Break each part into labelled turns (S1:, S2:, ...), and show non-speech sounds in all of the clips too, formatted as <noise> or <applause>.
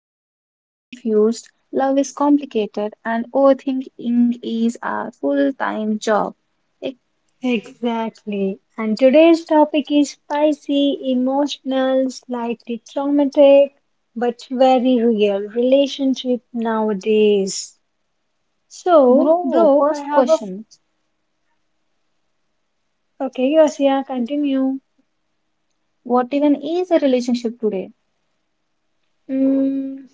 S1: emotions are confused, love is complicated, and overthinking is our full time job. Eh,
S2: Exactly. And today's topic is spicy, emotional, slightly traumatic, but very real relationship nowadays. So,
S1: Bro,
S2: bro, I
S1: first
S2: have a f-
S1: question.
S2: okay, yes, yeah, continue.
S1: What even is a relationship today?
S2: Mm,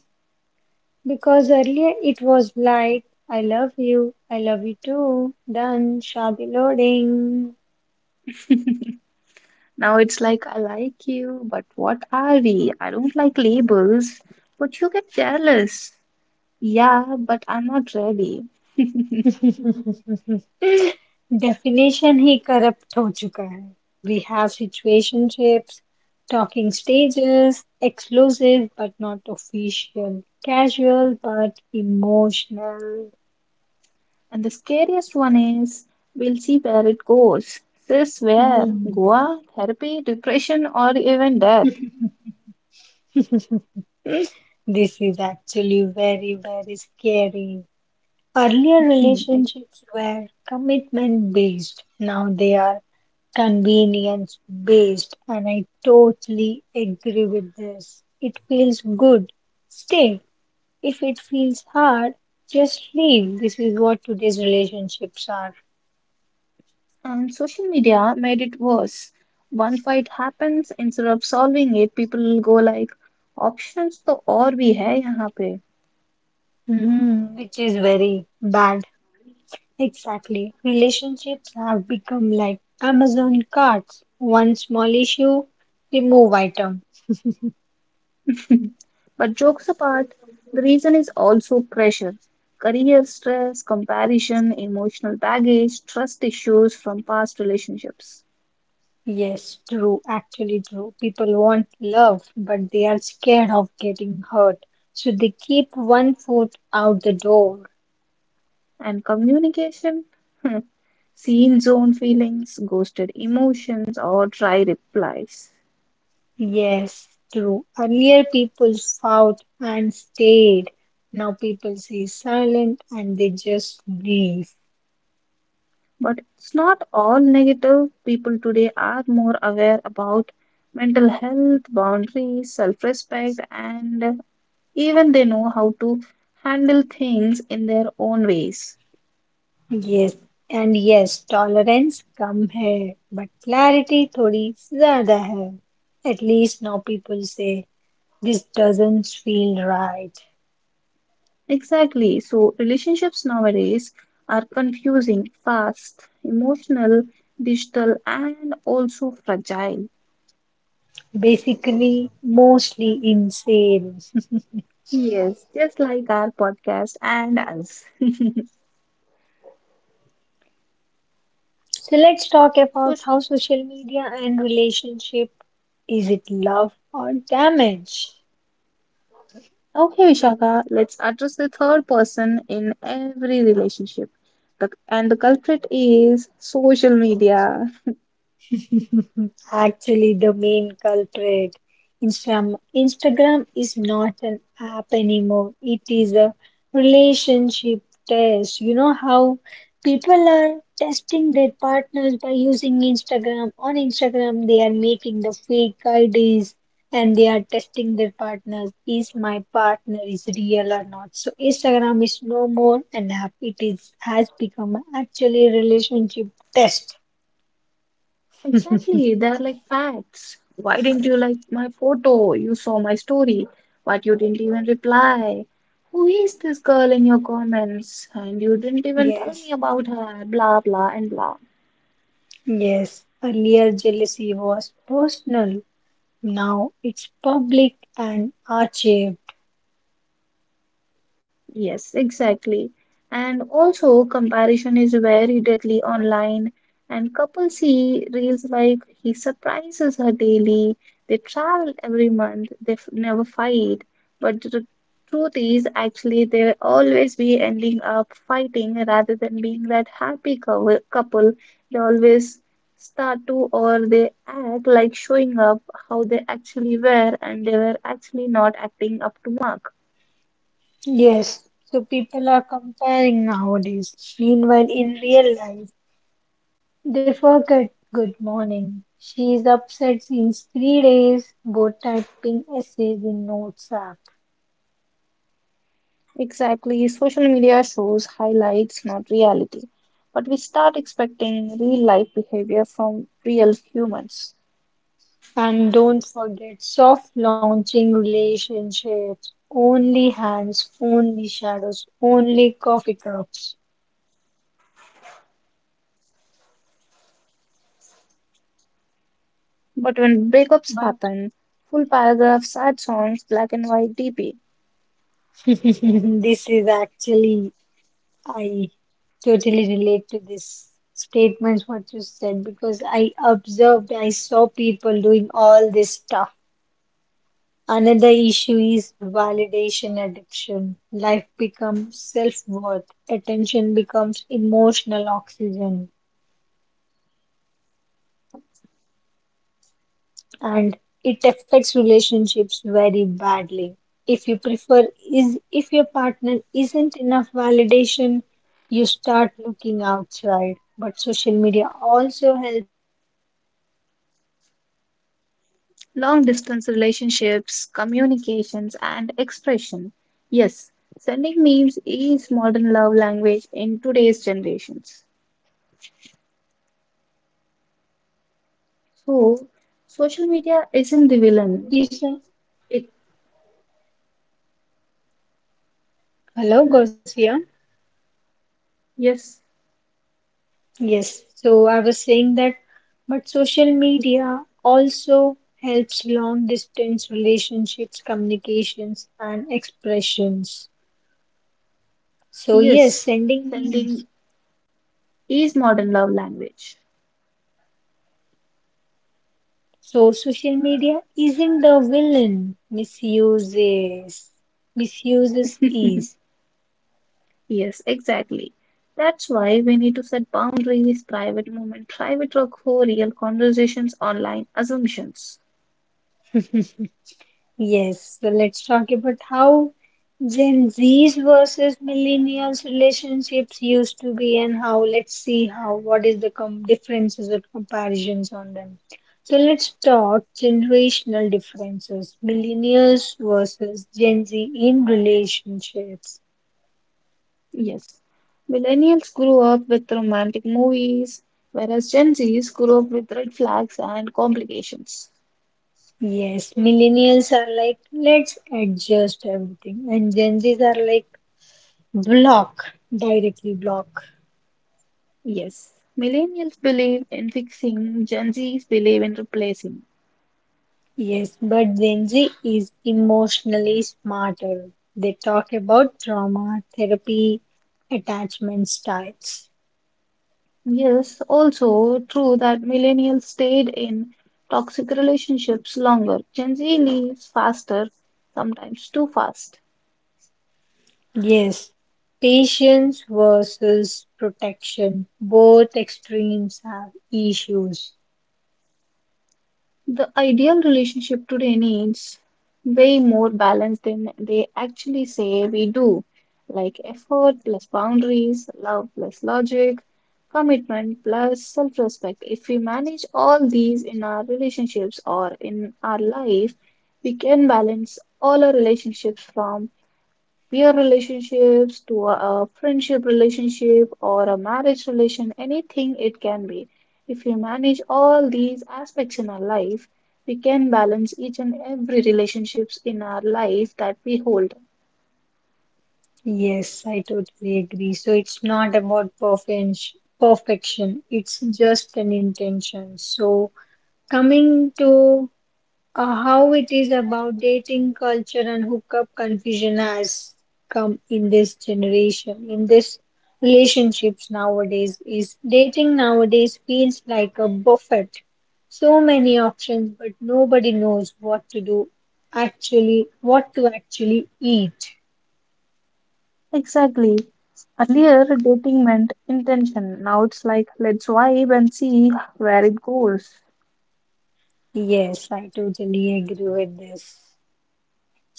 S2: because earlier it was like, I love you too. Done, Shadi loading.
S1: <laughs> Now it's like, I like you, but what are we? I don't like labels, but you get jealous. Yeah, but I'm not ready. <laughs>
S2: <laughs> Definition ही corrupt हो चुका है we have situationships talking stages exclusive but not official casual but emotional
S1: And the scariest one is we'll see where it goes. This where? Goa, therapy, depression, or even death.
S2: <laughs> This is actually very, very scary. Earlier
S1: <laughs>
S2: relationships were commitment based. Now they are convenience based. And I totally agree with this. It feels good. Stay. If it feels hard, just leave. This is what today's relationships are.
S1: And social media made it worse. One fight happens, instead of solving it, people go like, options to और भी है यहाँ पे."
S2: Mhm, which is very bad. Exactly. Relationships have become like Amazon carts. One small issue, remove item.
S1: <laughs> But jokes apart, the reason is also pressure. Career stress, comparison, emotional baggage, trust issues from past relationships.
S2: Yes, true, actually true. People want love, but they are scared of getting hurt. So they keep one foot out the door.
S1: And communication? Hmm. Seen zone feelings, ghosted emotions, or dry replies.
S2: Yes, true. Earlier people fought and stayed. Now people stay silent and they just breathe.
S1: But it's not all negative. People today are more aware about mental health, boundaries, self respect, and even they know how to handle things in their own ways.
S2: Yes, and yes, tolerance कम है, but clarity थोड़ी ज़्यादा है. At least now people say this doesn't feel right.
S1: Exactly. So, relationships nowadays are confusing, fast, emotional, digital, and also fragile.
S2: Basically, mostly insane. <laughs>
S1: Yes, just like our podcast and us.
S2: So let's talk
S1: So,
S2: about
S1: Sh-
S2: how social media and relationship, is it love or damage?
S1: okay, Vishaka, let's address the third person in every relationship. The, and the culprit is social media.
S2: <laughs> Actually, the main culprit. Instagram is not an app anymore. It is a relationship test. You know how people are testing their partners by using Instagram. On Instagram, they are making the fake IDs and they are testing their partners. Is my partner is real or not? So Instagram is no more an app. It is has become actually a relationship test.
S1: Exactly,
S2: <laughs>
S1: they're like facts. Why didn't you like my photo? You saw my story, but you didn't even reply. Who is this girl in your comments? And you didn't even tell me
S2: Yes.
S1: about her, blah, blah, and blah.
S2: Yes, earlier jealousy was personal. Now it's public and archived.
S1: Yes, exactly. And also, comparison is very deadly online. And couples see reels like he surprises her daily, they travel every month, they f never fight. But the truth is, actually, they always be ending up fighting rather than being that happy couple. They always start to, or they act like showing up how they actually were, and they were actually not acting up to mark.
S2: Yes, so people are comparing nowadays. Meanwhile, in real life, they forget good morning. She is upset since 3 days, both typing essays in notes app.
S1: Exactly. Social media shows highlights, not reality. But we start expecting real life behavior from real humans.
S2: And don't forget soft launching relationships. Only hands, only shadows, only coffee cups.
S1: But when breakups
S2: But
S1: happen, full paragraphs, sad songs, black and white DP,
S2: <laughs> this is actually I totally relate to this statements what you said because I observed I saw people doing all this stuff. Another issue is validation addiction. Life becomes self-worth. Attention becomes emotional oxygen, and it affects relationships very badly. If you prefer is if your partner isn't enough validation, you start looking outside. But social media also helps long distance relationships,
S1: long
S2: communication
S1: distance
S2: and
S1: relationships,
S2: expression.
S1: communications, and expression. Yes, sending memes is modern love language in today's generations. So, social media isn't the villain.
S2: You see-
S1: It,
S2: Hello, Gosia.
S1: yes,
S2: Yes, so I was saying that, but social media also helps long distance relationships, communications, and expressions. So, yes,
S1: yes,
S2: sending memes.
S1: sending is modern love language.
S2: So, social media isn't the villain, misuses is.
S1: <laughs> yes, exactly. That's why we need to set boundaries, private moment, private or real conversations, online assumptions.
S2: <laughs> Yes, so let's talk about how Gen Z's versus millennials relationships used to be and how let's see how what is the com differences or comparisons on them. So let's talk generational differences, millennials versus Gen Z in relationships.
S1: Yes. Millennials grew up with romantic movies, whereas Gen Zs grew up with red flags and complications.
S2: Yes, millennials are like, let's adjust everything, and Gen Zs are like, block, directly block.
S1: Yes. Millennials believe in fixing, Gen Zs believe in replacing.
S2: Yes, but Gen Z is emotionally smarter. They talk about trauma, therapy, attachment styles.
S1: Yes, also true that millennials stayed in toxic relationships longer. Gen Z leaves faster, sometimes too fast.
S2: Yes, patience versus protection. Both extremes have issues.
S1: The ideal relationship today needs way more balance than they actually say we do, like effort plus boundaries, love plus logic, commitment plus self-respect. If we manage all these in our relationships or in our life, we can balance all our relationships from peer relationships to a friendship relationship or a marriage relation, anything it can be. If we manage all these aspects in our life, we can balance each and every relationships in our life that we hold.
S2: Yes, I totally agree. So it's not about perfection. It's just an intention. So coming to how it is about dating culture and hookup confusion has come in this generation, in this relationships nowadays is dating nowadays feels like a buffet. So many options, but nobody knows what to do actually, what to actually eat.
S1: Exactly. Earlier, dating meant intention. Now it's like let's vibe and see where it goes.
S2: Yes, I totally agree with this.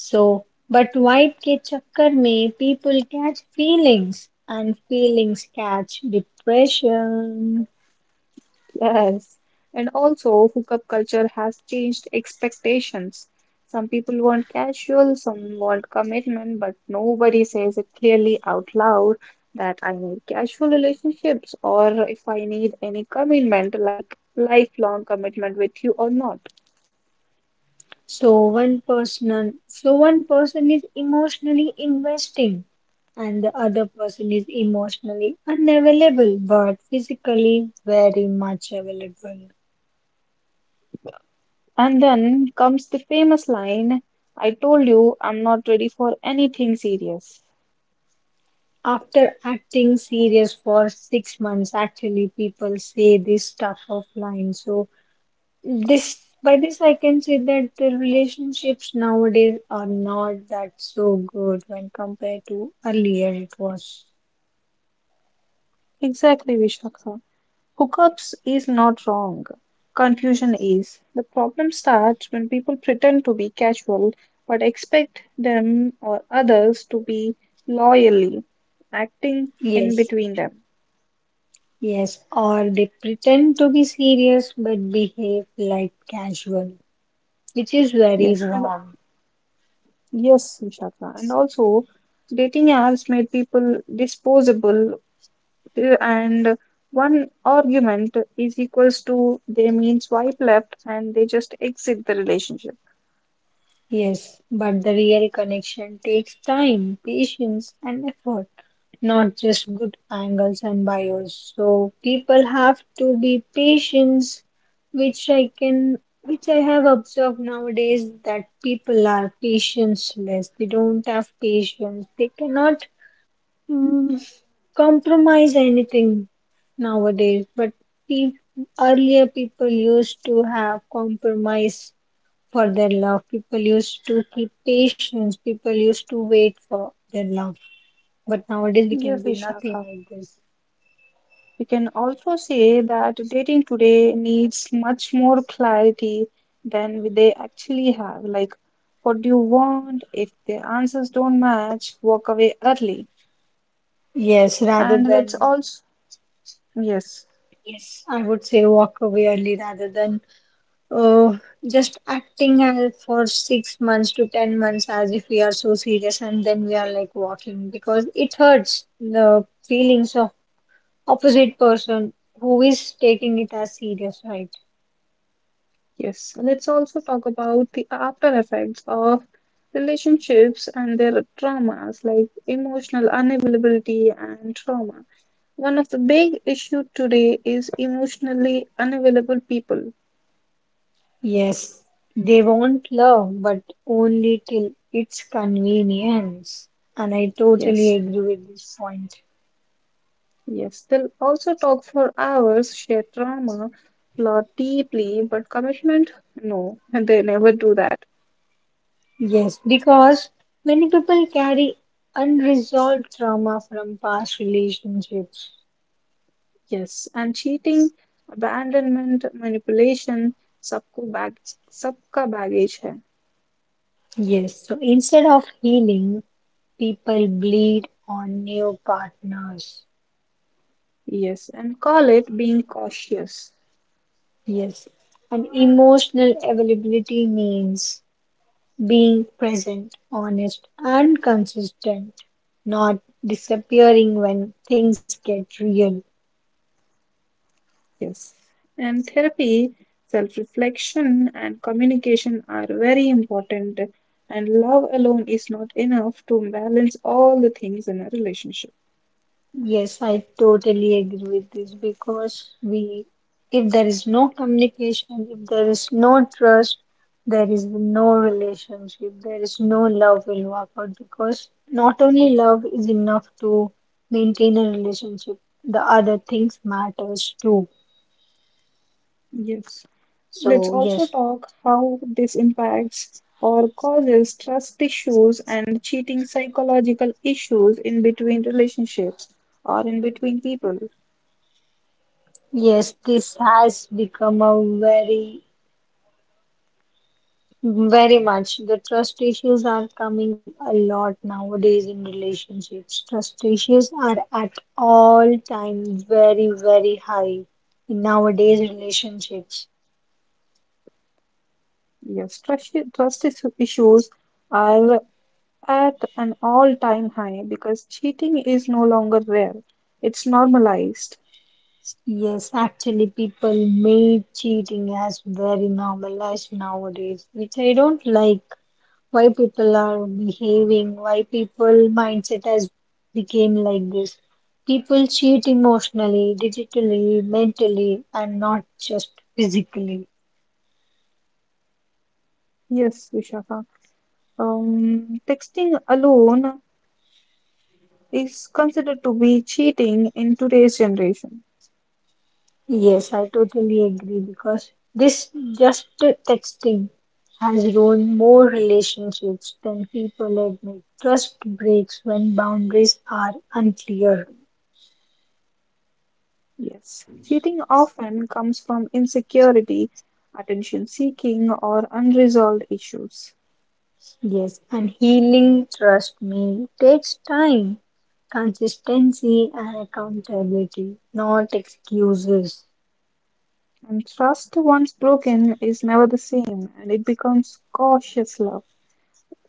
S2: So, but vibe ke chakkar mein people catch feelings and feelings catch depression.
S1: Yes, and also hookup culture has changed expectations. Some people want casual, some want commitment, but nobody says it clearly out loud that I need casual relationships or if I need any commitment, like lifelong commitment with you or not.
S2: So one person is emotionally investing, and the other person is emotionally unavailable, but physically very much available.
S1: And then comes the famous line, I told you I'm not ready for anything serious.
S2: After acting serious for 6 months, actually people say this stuff offline. So this by this I can say that the relationships nowadays are not that so good when compared to earlier it was.
S1: Exactly, Vishakha. Hookups is not wrong. Confusion is. The problem starts when people pretend to be casual but expect them or others to be loyally acting in
S2: Yes.
S1: between them.
S2: Yes, or they pretend to be serious but behave like casual, which is very
S1: Yes, and
S2: wrong.
S1: yes, Vishaka. And also, dating apps made people disposable, and one argument is equals to they mean swipe left and they just exit the relationship.
S2: Yes, but the real connection takes time, patience, and effort, not just good angles and bios. So people have to be patient, which I can, which I have observed nowadays that people are patience less. They don't have patience. They cannot. Mm, Compromise anything nowadays, but pe- earlier people used to have compromise for their love. People used to keep patience. People used to wait for their love. But nowadays we can
S1: Yes,
S2: see nothing
S1: Vishaka.
S2: like this.
S1: We can also say that dating today needs much more clarity than they actually have. Like, what do you want? If the answers don't match, walk away early.
S2: Yes, rather
S1: And let's
S2: than
S1: also, yes,
S2: Yes, I would say walk away early rather than uh, just acting as for 6 months to 10 months as if we are so serious and then we are like walking because it hurts the feelings of opposite person who is taking it as serious, right?
S1: Yes, let's also talk about the after effects of relationships and their traumas, like emotional unavailability and trauma. One of the big issue today is emotionally unavailable people.
S2: Yes, they want love, but only till it's convenience. And I totally
S1: Yes.
S2: agree with this point.
S1: Yes, they'll also talk for hours, share trauma, plot deeply, but commitment, no, <laughs> they never do that.
S2: Yes, because many people carry unresolved trauma from past relationships.
S1: Yes, and cheating, abandonment, manipulation, सबको bag, सबका baggage है.
S2: Yes, so instead of healing, people bleed on new partners.
S1: Yes, and call it being cautious.
S2: Yes, and emotional availability means being present, honest, and consistent, not disappearing when things get real.
S1: Yes, and therapy, self-reflection, and communication are very important. And love alone is not enough to balance all the things in a relationship.
S2: Yes, I totally agree with this because we, if there is no communication, if there is no trust, there is no relationship, there is no love will work out because not only love is enough to maintain a relationship, the other things matters too.
S1: Yes. Let's
S2: So
S1: also
S2: yes.
S1: talk how this impacts or causes trust issues and cheating psychological issues in between relationships or in between people.
S2: Yes, this has become a very very much. The trust issues are coming a lot nowadays in relationships. Trust issues are at all time very, very high in nowadays relationships.
S1: Yes, issues are at an all-time high because cheating is no longer rare. It's normalized.
S2: Yes, actually people made cheating as very normalized nowadays, which I don't like. Why people are behaving, why people mindset has became like this. People cheat emotionally, digitally, mentally, and not just physically.
S1: Yes, Vishaka. Texting alone is considered to be cheating in today's generation.
S2: Yes, I totally agree because this just texting has ruined more relationships than people admit. Trust breaks when boundaries are unclear.
S1: Yes. Cheating often comes from insecurity, attention seeking, or unresolved issues.
S2: Yes, and healing, trust me, takes time, consistency, and accountability, not excuses.
S1: And trust once broken is never the same, and it becomes cautious love.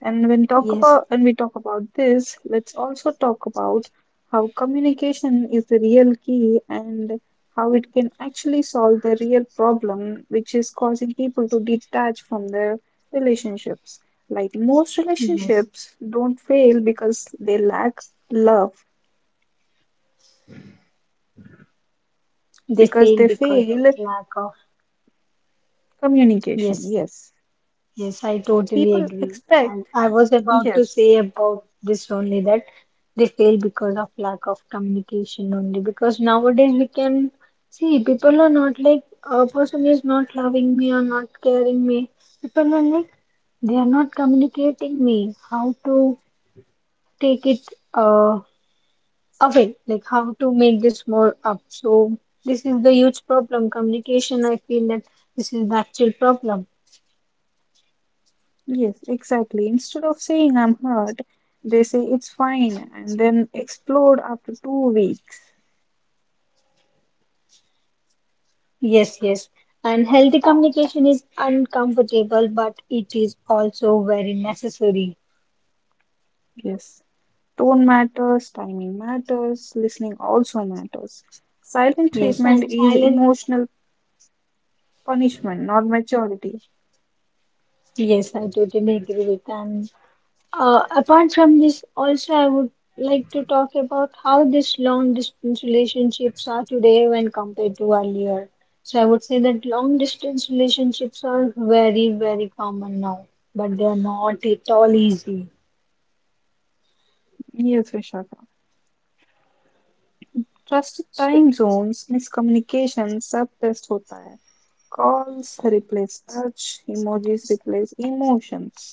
S1: And when talk
S2: Yes,
S1: about when we talk about this, let's also talk about how communication is the real key and how it can actually solve the real problem which is causing people to detach from their relationships. Like most
S2: yes,
S1: relationships don't fail because they lack love,
S2: they
S1: because
S2: fail
S1: they
S2: because of
S1: fail
S2: lack of.
S1: communication.
S2: Yes.
S1: Yes.
S2: Yes, I totally
S1: People
S2: agree.
S1: expect,
S2: And I was about to
S1: yes.
S2: say about this only that they fail because of lack of communication only. Because nowadays we can see people are not like a person is not loving me or not caring me. People are like they are not communicating me how to take it uh, away, like how to make this more up. So this is the huge problem. Communication, I feel that this is the actual problem.
S1: Yes, exactly. Instead of saying I'm hurt, they say it's fine and then explode after 2 weeks.
S2: Yes, yes. And healthy communication is uncomfortable, but it is also very necessary.
S1: Yes, tone matters, timing matters, listening also matters. Silent
S2: Yes,
S1: treatment
S2: and
S1: is
S2: silence.
S1: emotional punishment, not maturity.
S2: Yes, I totally agree with. And apart from this, also I would like to talk about how this long distance relationships are today when compared to earlier. So I would say that long distance relationships are very, very common now, but they are not at all easy.
S1: Yes, Vishaka. Trust
S2: So.
S1: time zones, miscommunication सब test होता है. Calls replace touch, emojis replace emotions.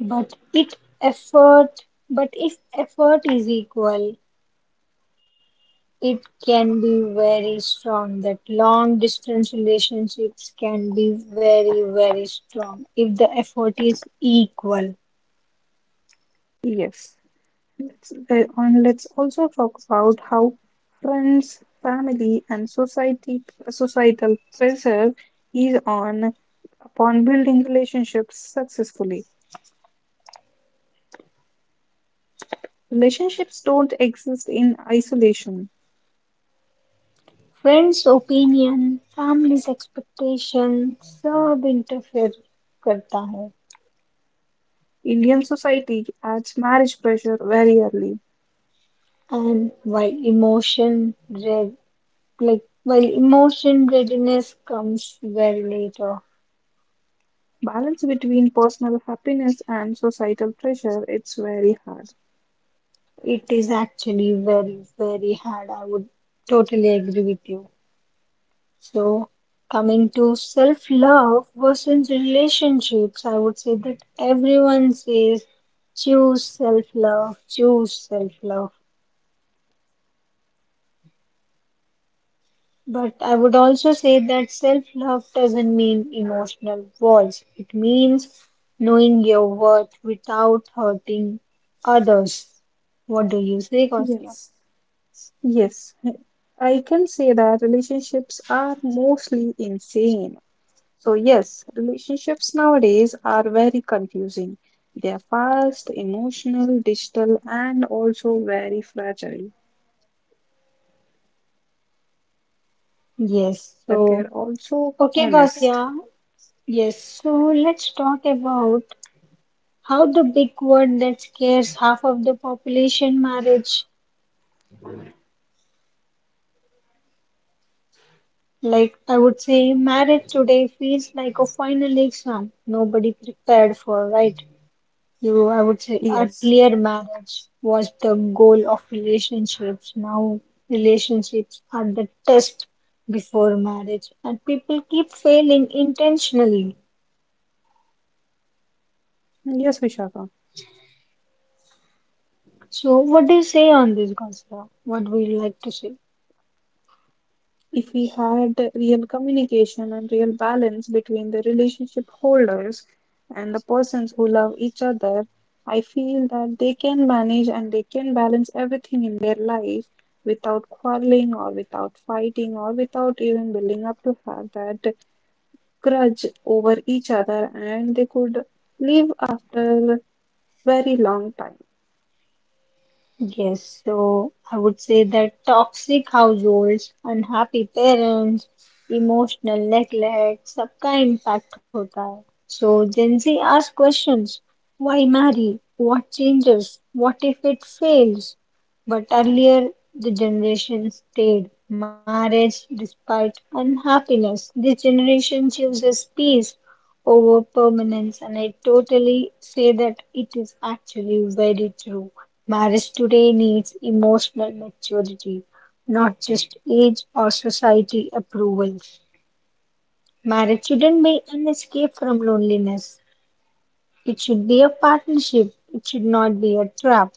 S2: But it effort, but if effort is equal, it can be very strong. That long distance relationships can be very, very strong if the effort is equal.
S1: Yes. And let's also talk about how friends, family, and society societal pressure is on upon building relationships successfully. Relationships don't exist in isolation.
S2: Friends' opinion, family's expectation सब interfere करता है.
S1: Indian society adds marriage pressure very early.
S2: And red, like while emotion readiness comes very later.
S1: Balance between personal happiness and societal pressure, it's very hard.
S2: It is actually very, very hard. I would totally agree with you. So, coming to self-love versus relationships, I would say that everyone says choose self-love, choose self-love. But I would also say that self-love doesn't mean emotional walls. It means knowing your worth without hurting others. What do you say, Gausia?
S1: Yes. Yes. I can say that relationships are mostly insane. So, yes, relationships nowadays are very confusing. They are fast, emotional, digital, and also very fragile,
S2: Yes.
S1: but they're
S2: So,
S1: also
S2: okay,
S1: honest.
S2: Gausia. Yes, so let's talk about how the big word that scares half of the population marriage. Like I would say, marriage today feels like a final exam nobody prepared for, right? You, I would say,
S1: Yes,
S2: earlier marriage was the goal of relationships. Now relationships are the test before marriage, and people keep failing intentionally.
S1: yes, Vishaka.
S2: So, what do you say on this, Gosra? What would you like to say?
S1: If we had real communication and real balance between the relationship holders and the persons who love each other, I feel that they can manage and they can balance everything in their life without quarreling or without fighting or without even building up to have that grudge over each other and they could live after very long time.
S2: Yes, so I would say that toxic households, unhappy parents, emotional neglect, सबका impact होता है. So Gen Z asks questions. Why marry? What changes? What if it fails? But earlier, the generation stayed marriage despite unhappiness. This generation chooses peace over permanence, and I totally say that it is actually very true. Marriage today needs emotional maturity, not just age or society approval. Marriage shouldn't be an escape from loneliness. It should be a partnership. It should not be a trap.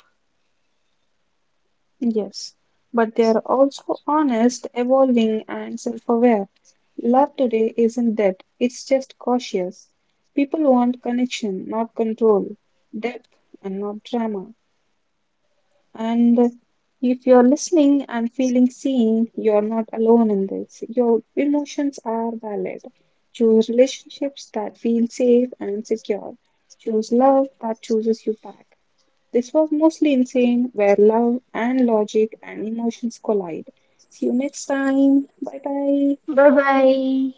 S1: Yes, but they are also honest, evolving and self-aware. Love today isn't dead, it's just cautious. People want connection, not control, depth, and not drama. And if you're listening and feeling seen, you're not alone in this. Your emotions are valid. Choose relationships that feel safe and secure. Choose love that chooses you back. This was mostly insane, where love and logic and emotions collide. See you next time. Bye bye.
S2: Bye bye.